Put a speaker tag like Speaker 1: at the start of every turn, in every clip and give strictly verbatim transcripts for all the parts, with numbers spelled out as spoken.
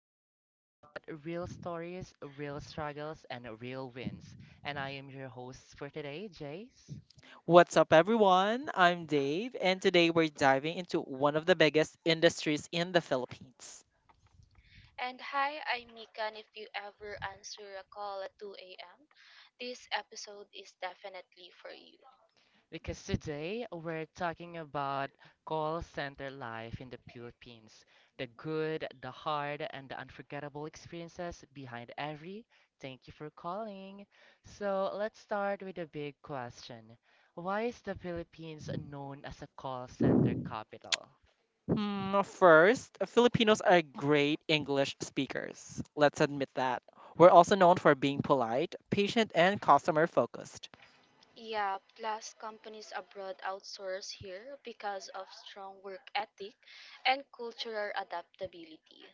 Speaker 1: where we talk about real stories, real struggles, and real wins. And I am your host for today, Jace.
Speaker 2: What's up, everyone? I'm Dave, and today we're diving into one of the biggest industries in the Philippines.
Speaker 3: And hi, I'm Mika. And if you ever answer a call at two a m, this episode is definitely for you.
Speaker 1: Because today we're talking about call center life in the Philippines, the good, the hard, and the unforgettable experiences behind every thank you for calling. So let's start with a big question. Why is the Philippines known as a call center capital?
Speaker 2: Hmm, first, Filipinos are great English speakers. Let's admit that. We're also known for being polite, patient, and customer focused.
Speaker 3: Yeah, plus companies abroad outsource here because of strong work ethic and cultural adaptability.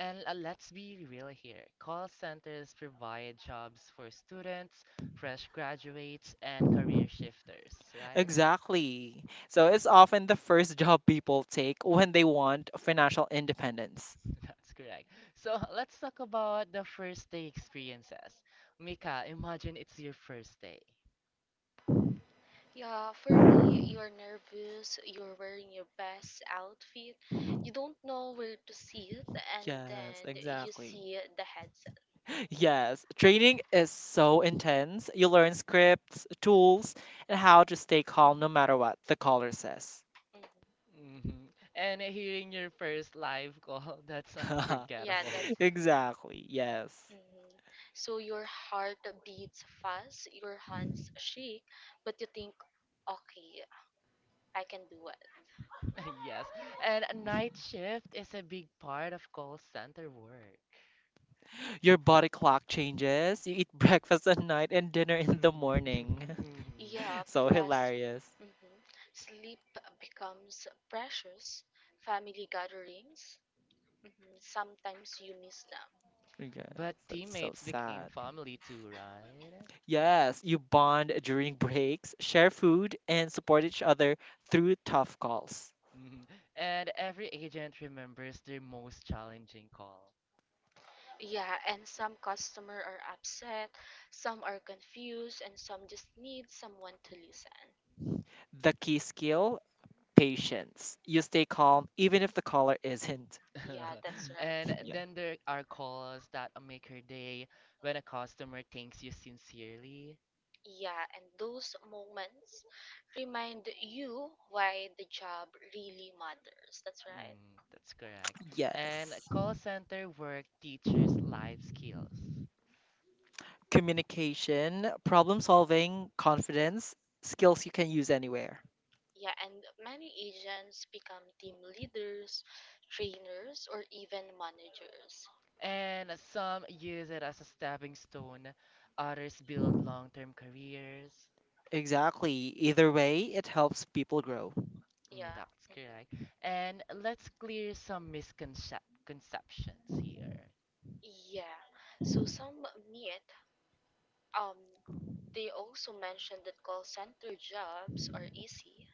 Speaker 1: And uh, let's be real here. Call centers provide jobs for students, fresh graduates, and career shifters, right?
Speaker 2: Exactly. So it's often the first job people take when they want financial independence.
Speaker 1: That's correct. So let's talk about the first day experiences. Mika, imagine it's your first day.
Speaker 3: Yeah, for me, you're nervous, you're wearing your best outfit, you don't know where to sit, and
Speaker 2: Yes,
Speaker 3: then you
Speaker 2: exactly.
Speaker 3: see the headset.
Speaker 2: Yes, training is so intense. You learn scripts, tools, and how to stay calm no matter what the caller says.
Speaker 3: Mhm.
Speaker 1: hmm And hearing your first live call, that's
Speaker 3: Yeah,
Speaker 1: unforgettable.
Speaker 3: that's.
Speaker 2: Exactly, yes.
Speaker 3: Mhm. So your heart beats fast, your hands shake, but you think, okay, I can do it.
Speaker 1: Yes. And a night shift is a big part of call center work.
Speaker 2: Your body clock changes. You eat breakfast at night and dinner in the morning.
Speaker 1: Mhm.
Speaker 3: Yeah,
Speaker 2: So
Speaker 3: plus
Speaker 2: hilarious.
Speaker 3: mhm, sleep becomes precious. Family gatherings, mhm, sometimes you miss them.
Speaker 2: Yes,
Speaker 1: But
Speaker 2: that's so
Speaker 1: teammates became
Speaker 2: sad.
Speaker 1: family too, right?
Speaker 2: Yes, you bond during breaks, share food, and support each other through tough calls.
Speaker 1: Mhm. And every agent remembers their most challenging call.
Speaker 3: Yeah, and some customer are upset, some are confused, and some just need someone to listen.
Speaker 2: The key skill Patience. You stay calm even if the caller isn't.
Speaker 3: Yeah, that's right.
Speaker 1: And
Speaker 3: Mm-hmm.
Speaker 2: Yeah.
Speaker 1: then there are calls that make her day when a customer thanks you sincerely.
Speaker 3: Yeah, and those moments remind you why the job really matters. That's right.
Speaker 1: Mm, that's correct. And
Speaker 2: Yes.
Speaker 1: call center work teaches life skills.
Speaker 2: Communication, problem solving, confidence, skills you can use anywhere.
Speaker 3: Yeah, and many agents become team leaders, trainers, or even managers.
Speaker 1: And some use it as a stepping stone, others build long-term careers.
Speaker 2: Exactly. Either way, it helps people grow.
Speaker 1: Mm,
Speaker 3: Yeah.
Speaker 1: that's
Speaker 3: Mhm.
Speaker 1: correct. And let's clear some misconceptions here.
Speaker 3: Yeah. So some meet um they also mentioned that call center jobs are easy,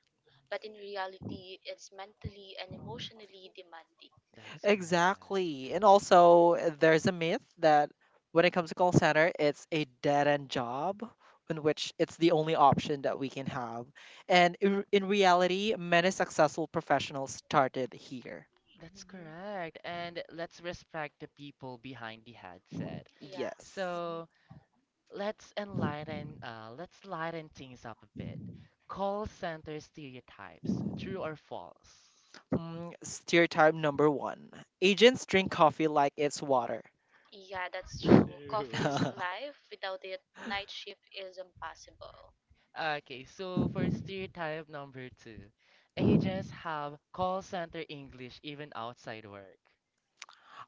Speaker 3: but in reality it's mentally and emotionally demanding.
Speaker 1: That's correct.
Speaker 2: Exactly. And also, there's a myth that when it comes to call center, it's a dead end job in which it's the only option that we can have. And in, in reality, many successful professionals started here.
Speaker 1: That's
Speaker 3: Mhm.
Speaker 1: correct. And let's respect the people behind the headset.
Speaker 3: Yeah.
Speaker 2: Yes.
Speaker 3: Mm-hmm.
Speaker 1: So let's enlighten, uh, let's lighten things up a bit. Call center stereotypes, true or false?
Speaker 2: Mm, stereotype number one, agents drink coffee like it's water.
Speaker 3: Yeah, that's true. Coffee is
Speaker 1: True.
Speaker 2: I
Speaker 3: life. Without it, night shift is impossible.
Speaker 1: Okay, so for stereotype number two, agents have call center English even outside work.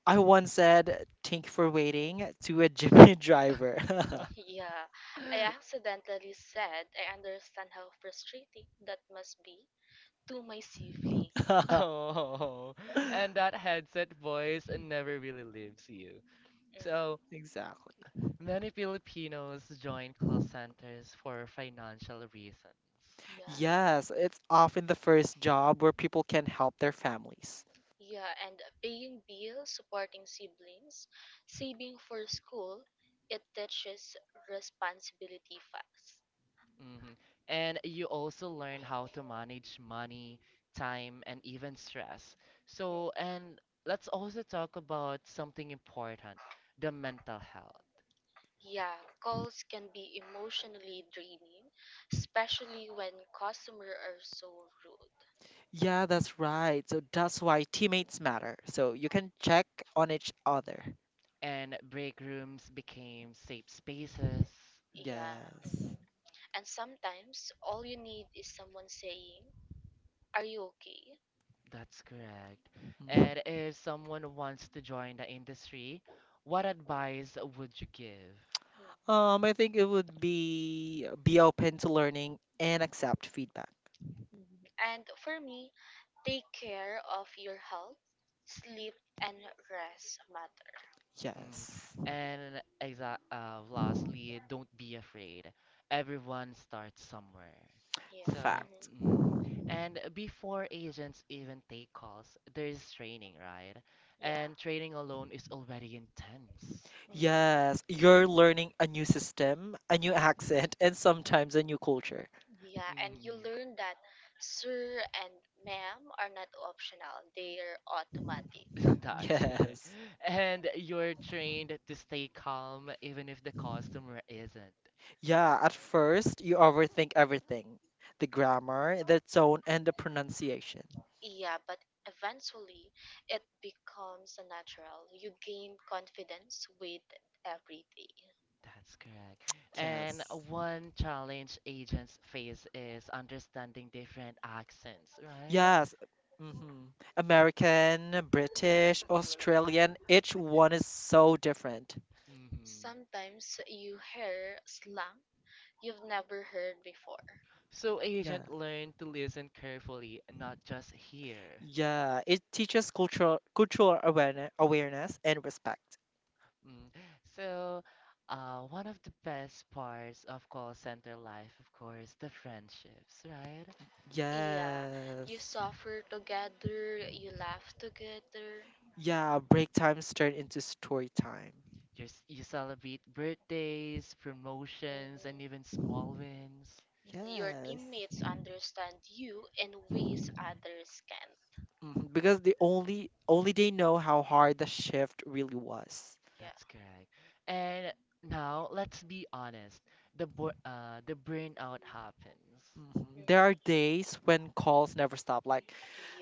Speaker 2: once said, "Thank you for waiting," to a Jimmy driver.
Speaker 3: Yeah, I accidentally said I understand how frustrating that must be to my sibling.
Speaker 1: Oh, and that headset voice never really
Speaker 3: Mm,
Speaker 1: leaves you. So
Speaker 2: Exactly.
Speaker 1: many Filipinos join call centers for financial reasons.
Speaker 3: yeah,
Speaker 2: Yes, it's often the first job where people can help their families.
Speaker 3: yeah, and paying bills, supporting siblings, saving for school, it teaches responsibility fast.
Speaker 1: Mhm. And you also learn how to manage money, time, and even stress.
Speaker 3: Mm-hmm.
Speaker 1: So, and let's also talk about something important, the mental health.
Speaker 3: Yeah, calls can be emotionally draining, especially when customers are so rude.
Speaker 2: Yeah, that's right. So that's why teammates matter. So you can check on each other.
Speaker 1: And break rooms became safe spaces.
Speaker 3: Yeah.
Speaker 2: Yes.
Speaker 3: Mhm. And sometimes all you need is someone saying, are you okay?
Speaker 1: That's correct.
Speaker 2: Mhm.
Speaker 1: And if someone wants to join the industry, what advice would you give?
Speaker 3: Mm.
Speaker 2: Um, I think it would be be open to learning and accept feedback.
Speaker 3: Mhm. And for me, take care of your health, sleep, and rest matter.
Speaker 1: Mm.
Speaker 2: Yes.
Speaker 1: And exa uh, lastly, don't be afraid. Everyone starts somewhere.
Speaker 3: Yeah.
Speaker 1: So,
Speaker 3: Hmm.
Speaker 2: Fact.
Speaker 1: mm, and before agents even take calls, there is training, right?
Speaker 3: Yeah.
Speaker 1: And training alone is already intense.
Speaker 3: Mhm.
Speaker 2: Yes, you're learning a new system, a new accent, and sometimes a new culture.
Speaker 3: Yeah. And you
Speaker 1: Mm,
Speaker 3: learn that sir and ma'am are not optional, they are automatic.
Speaker 1: that's correct.
Speaker 2: Yes.
Speaker 1: And you're trained to stay calm even if the customer isn't.
Speaker 2: Yeah, at
Speaker 3: Mm.
Speaker 2: first, you overthink everything: the grammar, the tone, and the pronunciation.
Speaker 3: Yeah, but eventually it becomes natural. You gain confidence with every day.
Speaker 1: That's correct. And
Speaker 2: Yes.
Speaker 1: one challenge agents face is understanding different accents, right?
Speaker 2: Yes. hmm American, British, Australian, each one is so different.
Speaker 1: hmm
Speaker 3: Sometimes you hear slang you've never heard before.
Speaker 1: So
Speaker 2: Yeah.
Speaker 1: agent learn to listen carefully, not just hear.
Speaker 2: Yeah, it teaches cultural cultural awareness, awareness and respect.
Speaker 1: Mm. So, uh, one of the best parts of call center life, of course, the friendships, right?
Speaker 3: Yeah, you
Speaker 2: Yes.
Speaker 3: suffer together, you laugh together.
Speaker 2: Yeah, break times turn into story time.
Speaker 1: You're, s- you celebrate birthdays, promotions,
Speaker 3: Mhm.
Speaker 1: and even small wins.
Speaker 3: Your
Speaker 2: Yes.
Speaker 3: teammates understand you in ways others can't.
Speaker 2: Mhm. Because they only only they know how hard the shift really was.
Speaker 3: Yeah.
Speaker 1: That's correct. And now let's be honest. The bo uh the burnout happens.
Speaker 2: Mhm. There are
Speaker 3: Mhm.
Speaker 2: days when calls never stop, like
Speaker 3: Yeah.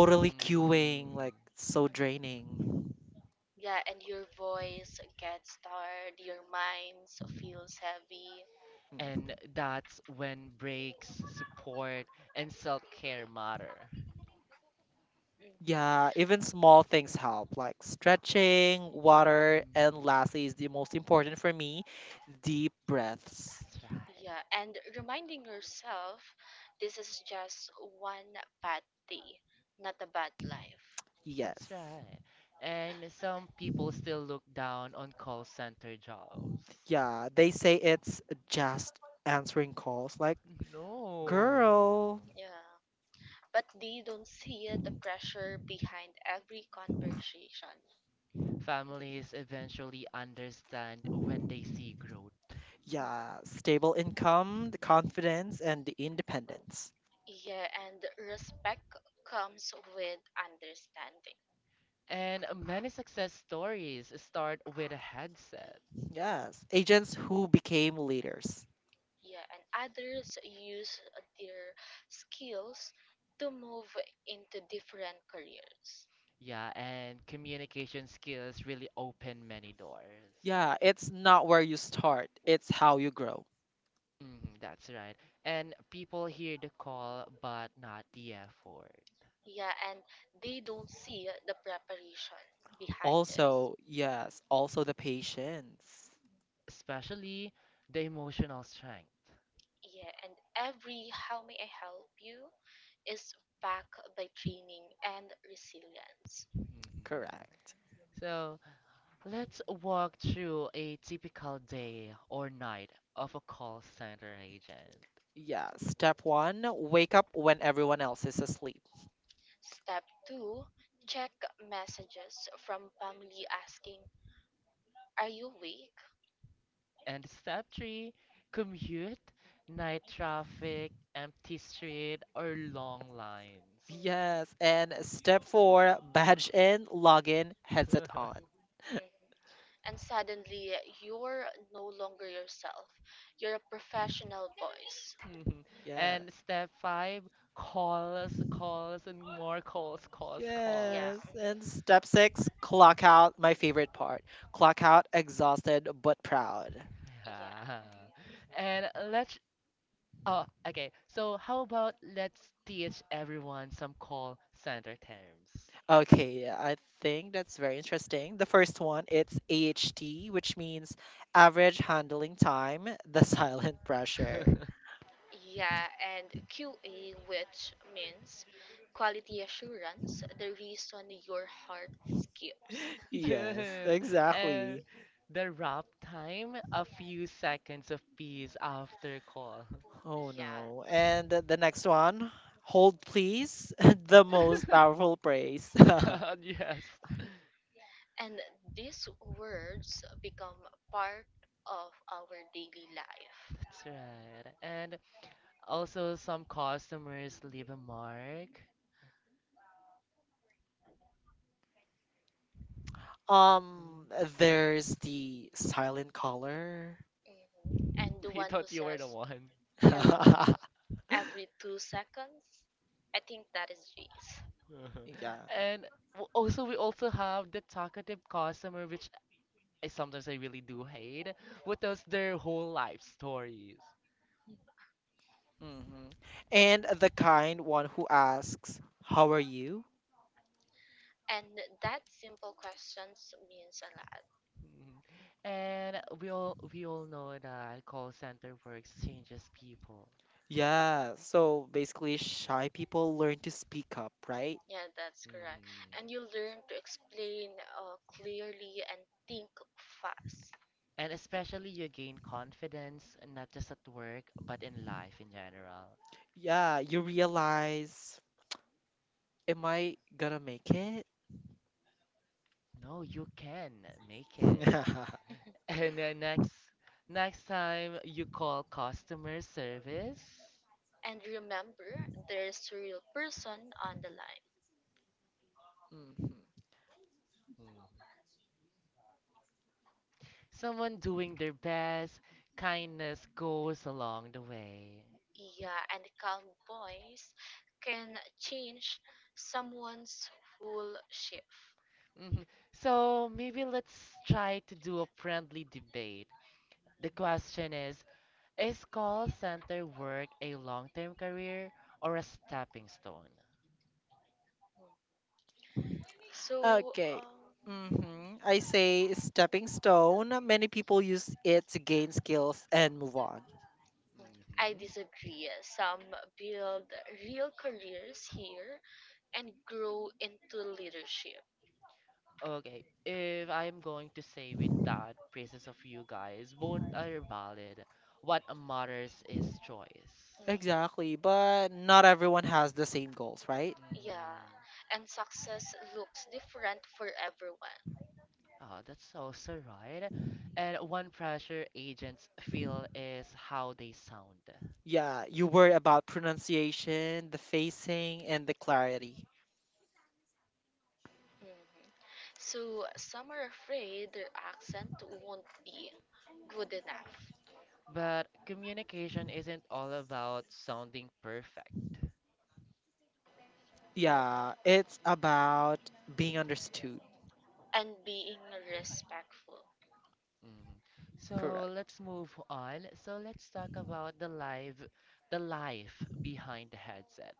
Speaker 1: Mhm.
Speaker 2: queuing, like so
Speaker 3: Mhm.
Speaker 2: draining.
Speaker 3: Yeah, and your voice gets tired, your mind feels heavy.
Speaker 2: Mhm.
Speaker 1: And that's when breaks, support, and self-care matter.
Speaker 3: Mm-hmm.
Speaker 2: Yeah, even small things help, like stretching, water, and
Speaker 1: Mhm.
Speaker 2: lastly is the most important for me, deep breaths.
Speaker 1: That's right.
Speaker 3: Yeah, and reminding yourself this is just one bad day, not a bad life.
Speaker 2: Yes.
Speaker 1: That's right. And some people still look down on call center jobs.
Speaker 2: Yeah, they say it's just answering calls, like,
Speaker 1: No.
Speaker 2: girl.
Speaker 3: Yeah. But they don't see the pressure behind every conversation.
Speaker 1: Families eventually understand when they see growth.
Speaker 3: Mhm.
Speaker 2: Yeah, stable income, the confidence, and the independence.
Speaker 3: Yeah, and respect comes with understanding.
Speaker 1: And many success stories start with a headset.
Speaker 2: Yes, agents who became leaders.
Speaker 3: Yeah, and others use their skills to move into different careers.
Speaker 1: Yeah, and communication skills really open many doors.
Speaker 3: Mhm.
Speaker 2: Yeah, it's not where you start, it's how you grow.
Speaker 1: Mm, that's right. And people hear the call, but not the effort,
Speaker 3: Yeah, and they don't see the preparation behind this.
Speaker 2: Also, yes, also the patience.
Speaker 1: especially the emotional strength.
Speaker 3: Yeah, and every "How may I help you" is backed by training and resilience.
Speaker 1: Mhm.
Speaker 2: Correct.
Speaker 1: So let's walk through a typical day or night of a call center agent.
Speaker 2: Yeah, step one, wake up when everyone else is asleep.
Speaker 3: Step two, check messages from family asking, are you awake?
Speaker 1: And step three, commute, night traffic, empty street, or long lines.
Speaker 3: Mm,
Speaker 2: Yes, and step four, badge in, log in, headset on.
Speaker 3: mhm. And suddenly, you're no longer yourself. You're a professional voice.
Speaker 1: Mhm.
Speaker 2: Yes.
Speaker 1: And step five, calls, calls, and more calls, calls,
Speaker 3: Yeah,
Speaker 2: Yes.
Speaker 1: calls.
Speaker 3: mhm,
Speaker 2: And step six, clock out, my favorite part. Clock out, exhausted but proud.
Speaker 3: yeah,
Speaker 1: Yeah.
Speaker 3: mhm,
Speaker 1: And let's, oh, okay. So how about let's teach everyone some call center terms?
Speaker 2: Okay, yeah, I think that's very interesting. The first one, it's A H T, which means average handling time, the silent pressure.
Speaker 3: yeah. And Q A, which means quality assurance, the reason your heart skips.
Speaker 2: Yes,
Speaker 1: Yes, and
Speaker 2: exactly.
Speaker 1: the wrap time, a few seconds of peace after call.
Speaker 2: Oh
Speaker 3: Yeah.
Speaker 2: no.
Speaker 3: Mhm.
Speaker 2: And the the next one, hold please, the most powerful praise.
Speaker 1: Yes,
Speaker 3: And these words become part of our daily life.
Speaker 1: that's right. And also, some customers leave a mark.
Speaker 2: um, there's the silent caller.
Speaker 3: Mhm. And the
Speaker 1: He
Speaker 3: one who
Speaker 1: thought you were the
Speaker 3: says
Speaker 1: one.
Speaker 3: hello every two seconds, I think that is Jace.
Speaker 1: Uh-huh.
Speaker 2: Yeah.
Speaker 1: And w- also, we also have the talkative customer, which I sometimes I really do hate, who tells their whole life stories.
Speaker 2: hmm And the kind one who asks, "How are you?"
Speaker 3: And that simple questions means a lot.
Speaker 1: Mhm. And we all we all know that call center works changes people.
Speaker 2: Yeah, so basically, shy people learn to speak up, right?
Speaker 3: Yeah, that's correct.
Speaker 1: Mhm.
Speaker 3: And you learn to explain uh, clearly and think fast.
Speaker 1: And especially you gain confidence not just at work but in life in general.
Speaker 2: Yeah, you realize, am I gonna make it?
Speaker 1: No, you can make it. And then next next time you call customer service,
Speaker 3: And remember, there's a real person on the line.
Speaker 2: Mhm.
Speaker 1: Mhm. someone doing their best, kindness goes along the way.
Speaker 3: Yeah, and calm voice can change someone's whole shift.
Speaker 1: Mhm. So maybe let's try to do a friendly debate. The question is Is call center work a long term career or a stepping stone?
Speaker 3: So
Speaker 2: Okay.
Speaker 3: um,
Speaker 2: hmm I say stepping stone. Many people use it to gain skills and move on.
Speaker 3: I
Speaker 1: hmm
Speaker 3: disagree. Some build real careers here and grow into leadership.
Speaker 1: Okay, if I'm going to say with that praises of you guys, both are valid. What matters is choice.
Speaker 3: Mhm.
Speaker 2: Exactly, but not everyone has the same goals, right?
Speaker 3: Yeah,
Speaker 1: mm
Speaker 3: and success looks different for everyone.
Speaker 1: Oh, that's also right. And one pressure agents feel is how they sound.
Speaker 2: Yeah, you worry about pronunciation, the facing, and the clarity.
Speaker 3: Mhm. So some are afraid their accent won't be good enough.
Speaker 1: But communication isn't all about sounding perfect.
Speaker 2: Yeah,
Speaker 3: Mhm.
Speaker 2: it's about being understood.
Speaker 3: And being respectful.
Speaker 1: Mhm. So
Speaker 2: Correct.
Speaker 1: let's move on. So let's talk about the live, the life behind the headset.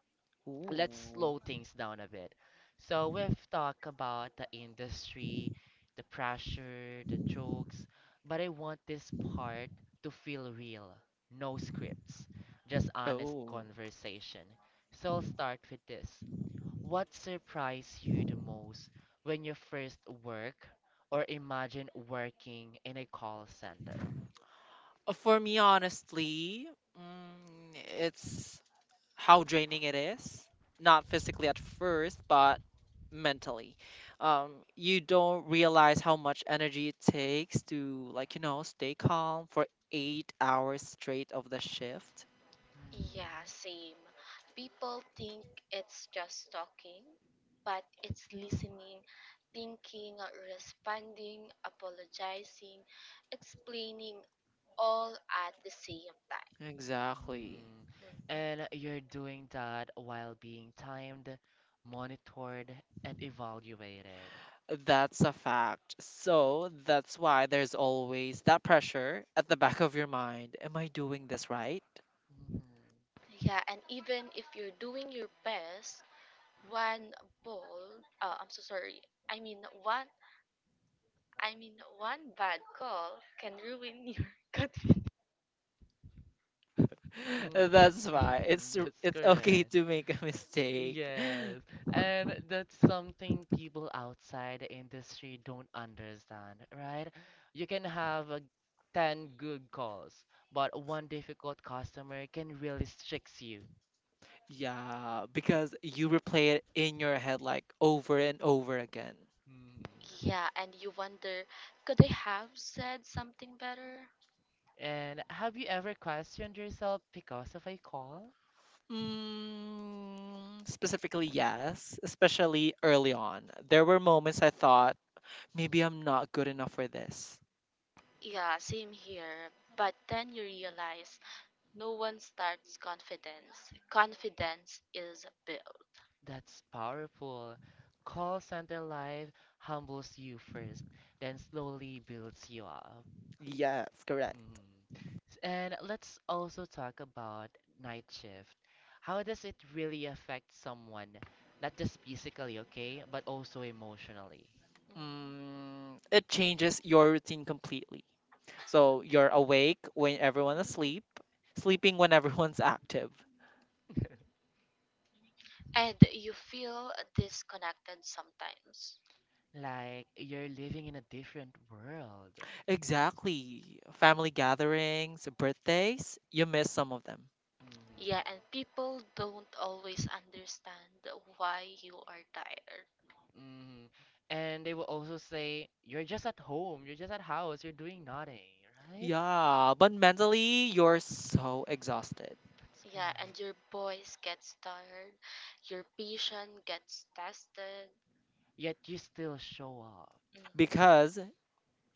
Speaker 1: Let's
Speaker 2: Ooh.
Speaker 1: slow things down a bit. So we've talked about the industry, the pressure, the jokes, but I want this part to feel real. No scripts, just honest
Speaker 2: Oh.
Speaker 1: conversation. So I'll start with this. What surprised you the most when you first work or imagine working in a call center?
Speaker 2: Uh, For me, honestly, mm, it's how draining it is. Not physically at first, but mentally. Um, you don't realize how much energy it takes to, like, you know, stay calm for eight hours straight of the shift.
Speaker 1: Mhm,
Speaker 3: Yeah, same. People think it's just talking, but it's listening, thinking, responding, apologizing, explaining all at the same time.
Speaker 2: Exactly.
Speaker 1: mhm.
Speaker 3: Mm.
Speaker 1: And you're doing that while being timed, monitored, and evaluated.
Speaker 2: That's a fact. So that's why there's always that pressure at the back of your mind. Am I doing this right?
Speaker 1: Mhm.
Speaker 3: Yeah, and even if you're doing your best, one ball, uh, I'm so sorry. I mean one I mean one bad call can ruin your confidence.
Speaker 1: Mm,
Speaker 2: That's why it's r-
Speaker 1: that's
Speaker 2: it's okay
Speaker 1: correct.
Speaker 2: to make a mistake.
Speaker 1: Yes, and that's something people outside the industry don't understand, right? You can have uh, ten good calls, but one difficult customer can really strix you.
Speaker 2: Yeah, because you replay it in your head like over and over again.
Speaker 1: Mhm.
Speaker 3: Yeah, and you wonder, could I have said something better?
Speaker 1: And have you ever questioned yourself because of a call?
Speaker 2: Mm, specifically, yes, especially early on. There were moments I thought maybe I'm not good enough for this.
Speaker 3: Yeah, same here. But then you realize no one starts confidence. Confidence is built.
Speaker 1: That's powerful. Call center life humbles you first, then slowly builds you up.
Speaker 2: Yes, correct.
Speaker 1: Mm. S- And let's also talk about night shift. How does it really affect someone, not just physically, okay, but also emotionally?
Speaker 3: Mhm.
Speaker 2: Mm, it changes your routine completely. So you're awake when everyone is asleep, sleeping when everyone's active.
Speaker 3: And you feel disconnected sometimes.
Speaker 1: Like you're living in a different world.
Speaker 2: Exactly. Family gatherings, birthdays, you miss some of them.
Speaker 1: Mm-hmm.
Speaker 3: Yeah, and people don't always understand why you are tired.
Speaker 1: Mm-hmm. And they will also say, you're just at home, you're just at house, you're doing nothing, right?
Speaker 2: Yeah, but mentally, you're so exhausted
Speaker 1: That's
Speaker 3: Yeah, and
Speaker 1: correct.
Speaker 3: your voice gets tired, your patience gets tested.
Speaker 1: Yet you still show up.
Speaker 3: Mhm.
Speaker 2: because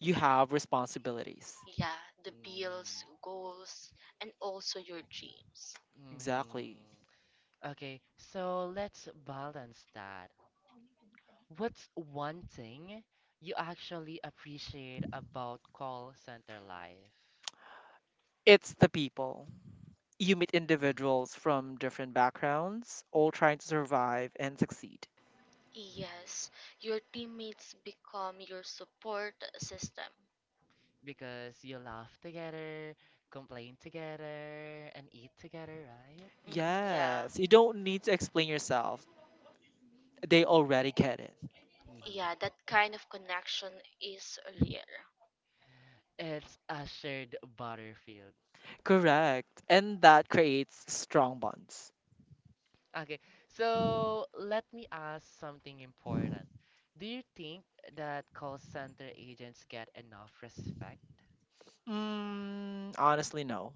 Speaker 2: you have responsibilities.
Speaker 3: Yeah, the bills,
Speaker 1: Mm-hmm.
Speaker 3: goals, and also your dreams.
Speaker 2: Exactly.
Speaker 1: Mm-hmm. Okay, so let's balance that. What's one thing you actually appreciate about call center life?
Speaker 2: It's the people. You meet individuals
Speaker 1: Mm-hmm.
Speaker 2: from different backgrounds, all trying to survive and succeed.
Speaker 1: Mm-hmm.
Speaker 3: Yes, your teammates become your support system.
Speaker 1: Because you laugh together, complain together, and eat together, right?
Speaker 3: Mhm, yeah,
Speaker 2: Yes, you don't need to explain yourself. They already get it.
Speaker 1: Mm-hmm.
Speaker 3: yeah, that kind of connection is rare.
Speaker 1: It's a shared battlefield.
Speaker 2: Correct. And that creates strong bonds.
Speaker 1: Okay, so let me ask something important. Do you think that call center agents get enough respect?
Speaker 2: Mm, honestly, no.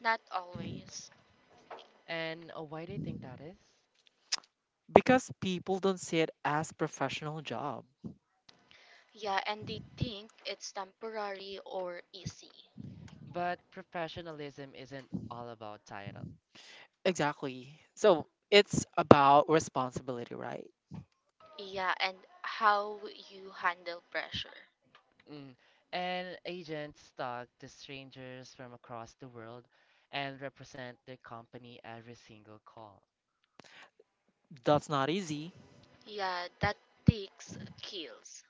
Speaker 3: Not always.
Speaker 1: And uh, why do you think that is?
Speaker 2: Because people don't see it as professional job.
Speaker 3: Yeah, and they think it's temporary or easy.
Speaker 1: But professionalism isn't all about title.
Speaker 2: Exactly. So it's about responsibility, right?
Speaker 3: Yeah, and how you handle pressure.
Speaker 1: Mm. And agents talk to strangers from across the world and represent their company every single call.
Speaker 2: That's not easy.
Speaker 3: Yeah, that takes skills.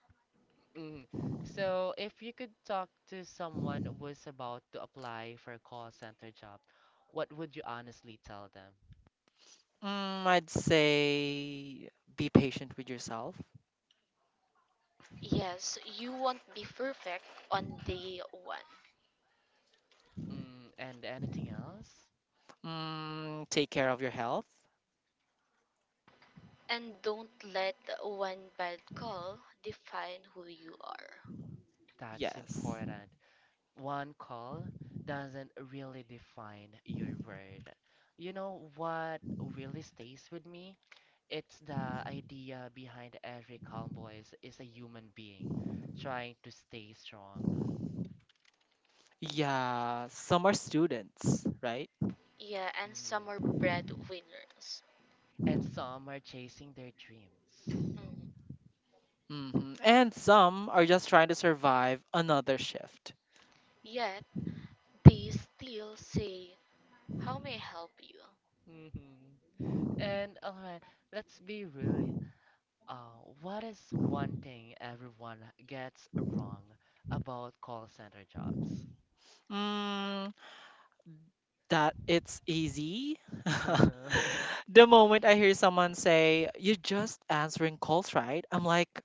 Speaker 1: Mm. So, if you could talk to someone who's about to apply for a call center job, what would you honestly tell them?
Speaker 2: Mm, I'd say be patient with yourself.
Speaker 3: Yes, you won't be perfect on day one.
Speaker 1: Mm. And anything else?
Speaker 2: Mm, take care of your health.
Speaker 3: And don't let one bad call define who you are.
Speaker 1: That's
Speaker 2: Yes.
Speaker 1: important. One call doesn't really define your word. You know what really stays with me? It's the idea behind every calm voice is a human being trying to stay strong.
Speaker 2: Yeah, some are students, right?
Speaker 3: Yeah, and some
Speaker 1: Mhm.
Speaker 3: are breadwinners.
Speaker 1: And some are chasing their dreams.
Speaker 3: Mhm.
Speaker 2: hmm And some are just trying to survive another shift.
Speaker 3: Yet they still say, "How may I help you?"
Speaker 1: Mhm. And alright, let's be real. Uh, what is one thing everyone gets wrong about call center jobs?
Speaker 2: Mm, that it's easy. The moment I hear someone say, "You're just answering calls," right? I'm like,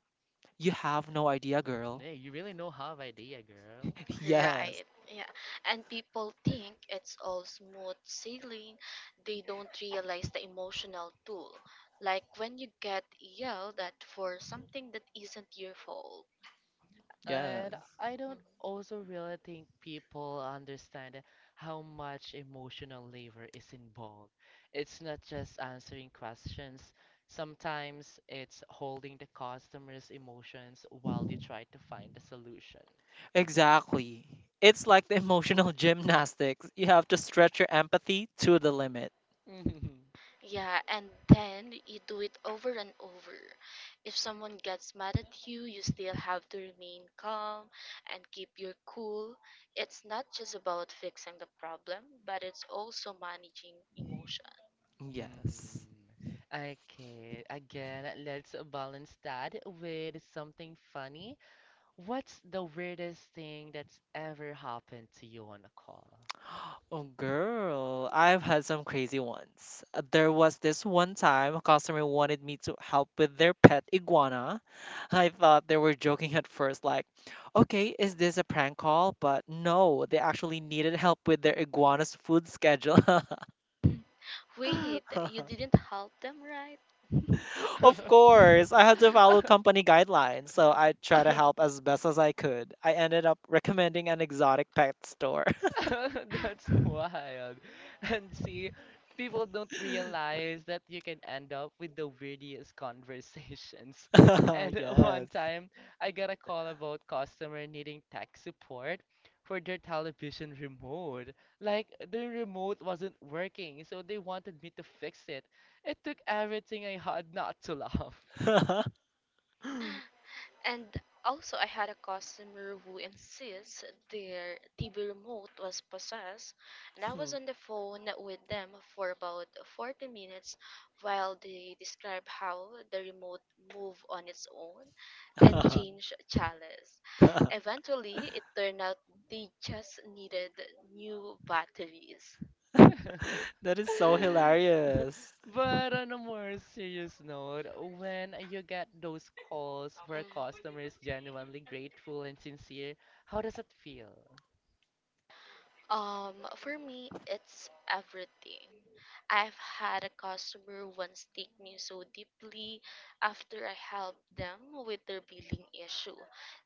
Speaker 2: "You have no idea, girl."
Speaker 1: Yeah, you really know how of idea, girl.
Speaker 2: Yes,
Speaker 3: Right? Yeah, and people think it's all smooth sailing. They don't realize the emotional toll, like when you get yelled at for something that isn't your fault.
Speaker 1: And
Speaker 2: yes,
Speaker 1: I don't
Speaker 3: Mm-hmm.
Speaker 1: also really think people understand how much emotional labor is involved. It's not just answering questions. Sometimes it's holding the customer's emotions while you try to find a solution.
Speaker 2: exactly. It's like the emotional gymnastics. You have to stretch your empathy to the limit.
Speaker 1: Mhm.
Speaker 3: Yeah, and then you do it over and over. If someone gets mad at you, you still have to remain calm and keep your cool. It's not just about fixing the problem, but it's also managing emotion.
Speaker 2: Yes.
Speaker 1: Mhm. Okay, again, let's balance that with something funny. What's the weirdest thing that's ever happened to you on a call?
Speaker 2: Oh, girl, I've had some crazy ones. Uh, There was this one time a customer wanted me to help with their pet iguana. I thought they were joking at first, like, okay, is this a prank call? But no, they actually needed help with their iguana's food schedule.
Speaker 3: Wait, you didn't help them, right?
Speaker 2: Of course, I had to follow company guidelines, so I tried to help as best as I could. I ended up recommending an exotic pet store.
Speaker 1: That's wild. And see, people don't realize that you can end up with the weirdest conversations. And one
Speaker 2: Yes.
Speaker 1: time, I got a call about customer needing tech support for their television remote. Like, the remote wasn't working, so they wanted me to fix it. It took everything I had not to laugh.
Speaker 3: And also, I had a customer who insists their T V remote was possessed, and I was on the phone with them for about forty minutes while they described how the remote moved on its own and
Speaker 2: Hmm.
Speaker 3: changed channels. Eventually, it turned out they just needed new batteries.
Speaker 2: That is so hilarious.
Speaker 3: Mhm.
Speaker 1: But on a more serious note, when you get those calls where customer is
Speaker 3: Mhm.
Speaker 1: genuinely grateful and sincere, how does it feel?
Speaker 3: Um, for me, it's everything. I've had a customer once take me so deeply after I helped them with their billing issue.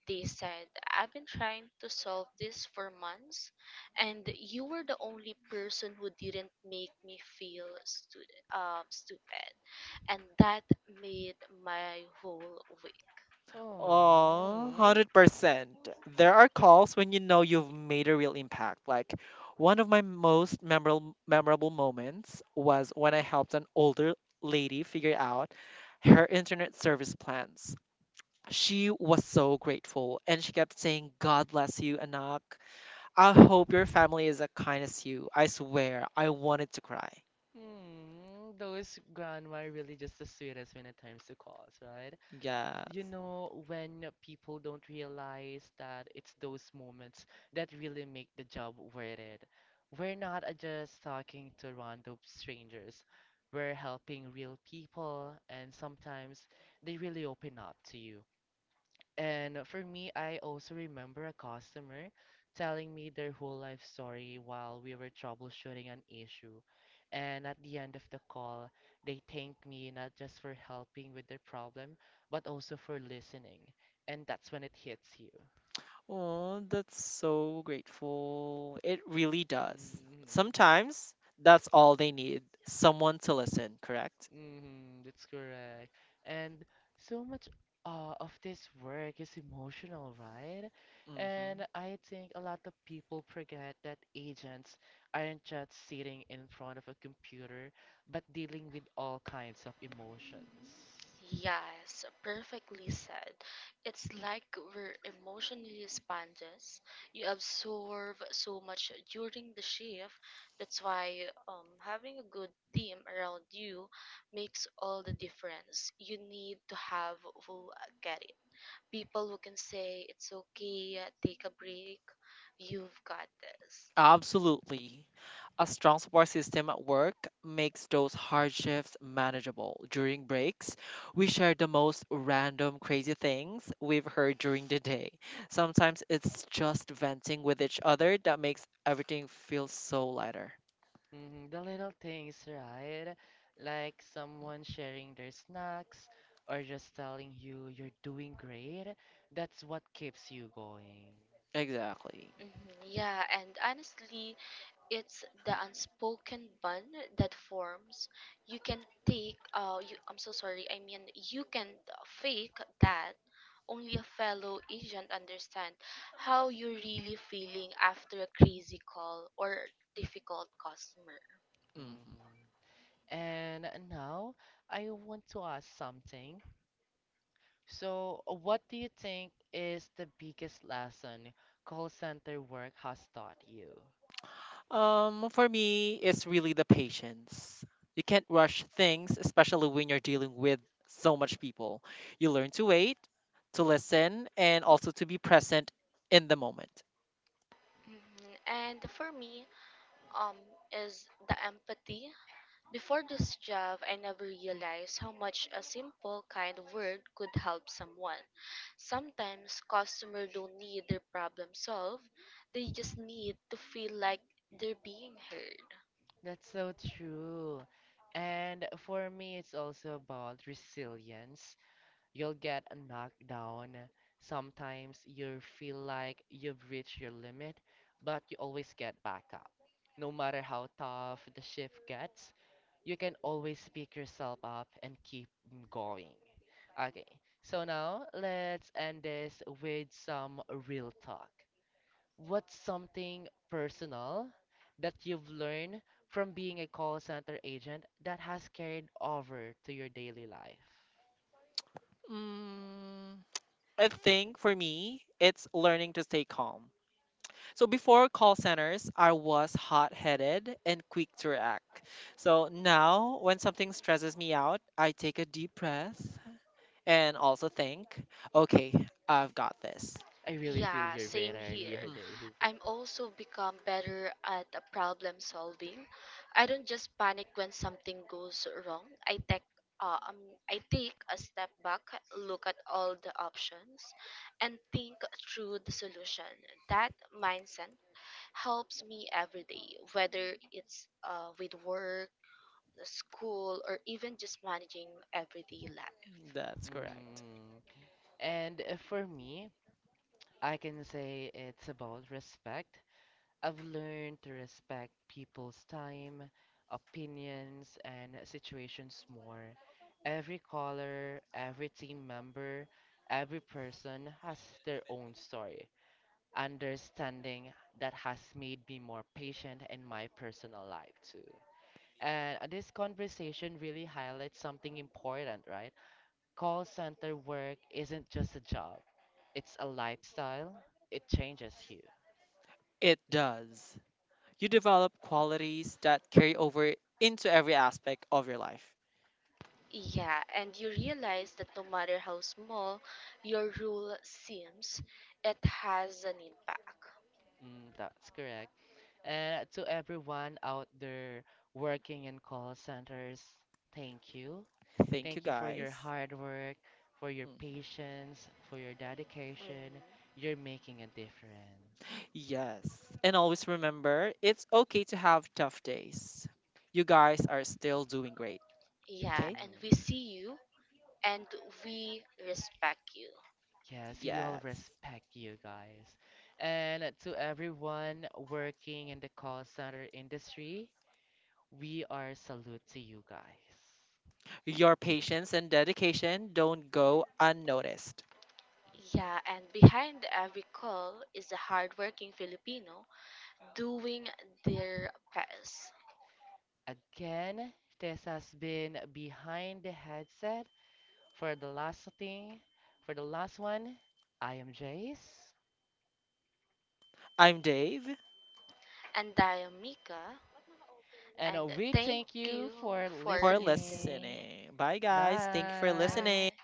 Speaker 3: They said, I've been trying to solve this for months, and you were the only person who didn't make me feel stu- um, stupid. And that made my whole.
Speaker 2: Oh,
Speaker 1: Oh,
Speaker 2: one hundred percent. There are calls when you know you've made a real impact. Like one of my most memorable memorable moments was when I helped an older lady figure out her internet service plans. She was so grateful and she kept saying, "God bless you, Anak. I hope your family is as kind as you." I swear, I wanted to cry.
Speaker 1: mm, those grandma are really just the sweetest when it comes to calls, right? You
Speaker 2: Yes.
Speaker 1: know, when people don't realize that it's those moments that really make the job worth it. We're not uh, just talking to random strangers. We're helping real people, and sometimes they really open up to you. And for me, I also remember a customer telling me their whole life story while we were troubleshooting an issue. And at the end of the call, they thanked me not just for helping with their problem, but also for listening. And that's when it hits you.
Speaker 2: Oh, that's so grateful. It really does.
Speaker 1: Mhm.
Speaker 2: Sometimes that's all they need, someone to listen, correct?
Speaker 1: Mm, that's correct. And so much uh, of this work is emotional, right? And
Speaker 2: hmm
Speaker 1: I think a lot of people forget that agents aren't just sitting in front of a computer, but dealing with all kinds of emotions.
Speaker 3: Yes, perfectly said. It's like we're emotionally sponges. You absorb so much during the shift. That's why um, having a good team around you makes all the difference. You need to have who get it. People who can say, it's okay, take a break, you've got this.
Speaker 2: Absolutely. A strong support system at work makes those hardships manageable. During breaks, we share the most random crazy things we've heard during the day. Sometimes it's just venting with each other that makes everything feel so lighter.
Speaker 1: Hmm the little things, right? Like someone sharing their snacks or just telling you you're doing great. That's what keeps you going.
Speaker 2: Exactly.
Speaker 3: Mhm, yeah, and honestly, it's the unspoken bond that forms you can take uh you I'm so sorry I mean you can fake that. Only a fellow agent understand how you're really feeling after a crazy call or difficult customer.
Speaker 2: hmm
Speaker 1: hmm And now I want to ask something. So, what do you think is the biggest lesson call center work has taught you?
Speaker 2: Um, for me, it's really the patience. You can't rush things, especially when you're dealing with so much people. You learn to wait, to listen, and also to be present in the moment.
Speaker 3: Mhm. and for me um is the empathy. Before this job, I never realized how much a simple kind word could help someone. Sometimes customers don't need their problem solved, they just need to feel like they're being heard.
Speaker 1: That's so true. And for me, it's also about resilience. You'll get knocked down. Sometimes you feel like you've reached your limit, but you always get back up. No matter how tough the shift gets, you can always pick yourself up and keep going. Okay, so now let's end this with some real talk. What's something personal that you've learned from being a call center agent that has carried over to your daily life?
Speaker 2: Mm, I think for me, it's learning to stay calm. So before call centers, I was hot headed and quick to react. So now, when something stresses me out, I take a deep breath and also think, okay, I've got this.
Speaker 1: I really feel
Speaker 3: Yeah,
Speaker 1: your pain
Speaker 3: same
Speaker 1: earlier,
Speaker 3: here.
Speaker 2: Mhm.
Speaker 1: Dave.
Speaker 3: I'm also become better at uh, problem solving. I don't just panic when something goes wrong. I take uh, um, I take a step back, look at all the options, and think through the solution. That mindset helps me every day, whether it's uh, with work, the school, or even just managing everyday life.
Speaker 2: That's correct.
Speaker 1: Mm. And uh, for me, I can say it's about respect. I've learned to respect people's time, opinions, and situations more. Every caller, every team member, every person has their own story. Understanding that has made me more patient in my personal life too. And uh, this conversation really highlights something important, right? Call center work isn't just a job, it's a lifestyle. It changes you.
Speaker 2: It does. You develop qualities that carry over into every aspect of your life.
Speaker 3: Yeah, and you realize that no matter how small your rule seems, it has an impact.
Speaker 1: Mm, that's correct. And to everyone out there working in call centers, thank you.
Speaker 2: Thank you,
Speaker 1: Thank you for your
Speaker 2: guys.
Speaker 1: hard work, for your
Speaker 2: Mhm.
Speaker 1: patience, for your
Speaker 3: Mhm.
Speaker 1: dedication. You're making a difference.
Speaker 2: Yes. And always remember it's okay to have tough days. You guys are still doing great,
Speaker 3: Yeah,
Speaker 2: okay?
Speaker 3: and we
Speaker 1: Mm.
Speaker 3: see you and we respect you.
Speaker 1: Yes, we all
Speaker 2: Yes.
Speaker 1: respect you guys. And to everyone working in the call center industry, we are salute to you guys.
Speaker 2: Your patience and dedication don't go unnoticed.
Speaker 3: Yeah, and behind every call is a hardworking Filipino doing their best.
Speaker 1: Again, this has been Behind the Headset. For the last thing, for the last one, I am Jace.
Speaker 2: I'm Dave
Speaker 3: And I am Mika,
Speaker 1: And
Speaker 3: and
Speaker 1: uh, we
Speaker 3: thank
Speaker 1: thank you
Speaker 3: you
Speaker 1: for
Speaker 3: for
Speaker 2: for
Speaker 3: listening.
Speaker 1: listening.
Speaker 2: listening. Bye, guys. Thank you for
Speaker 1: Bye.
Speaker 2: listening.
Speaker 3: Bye.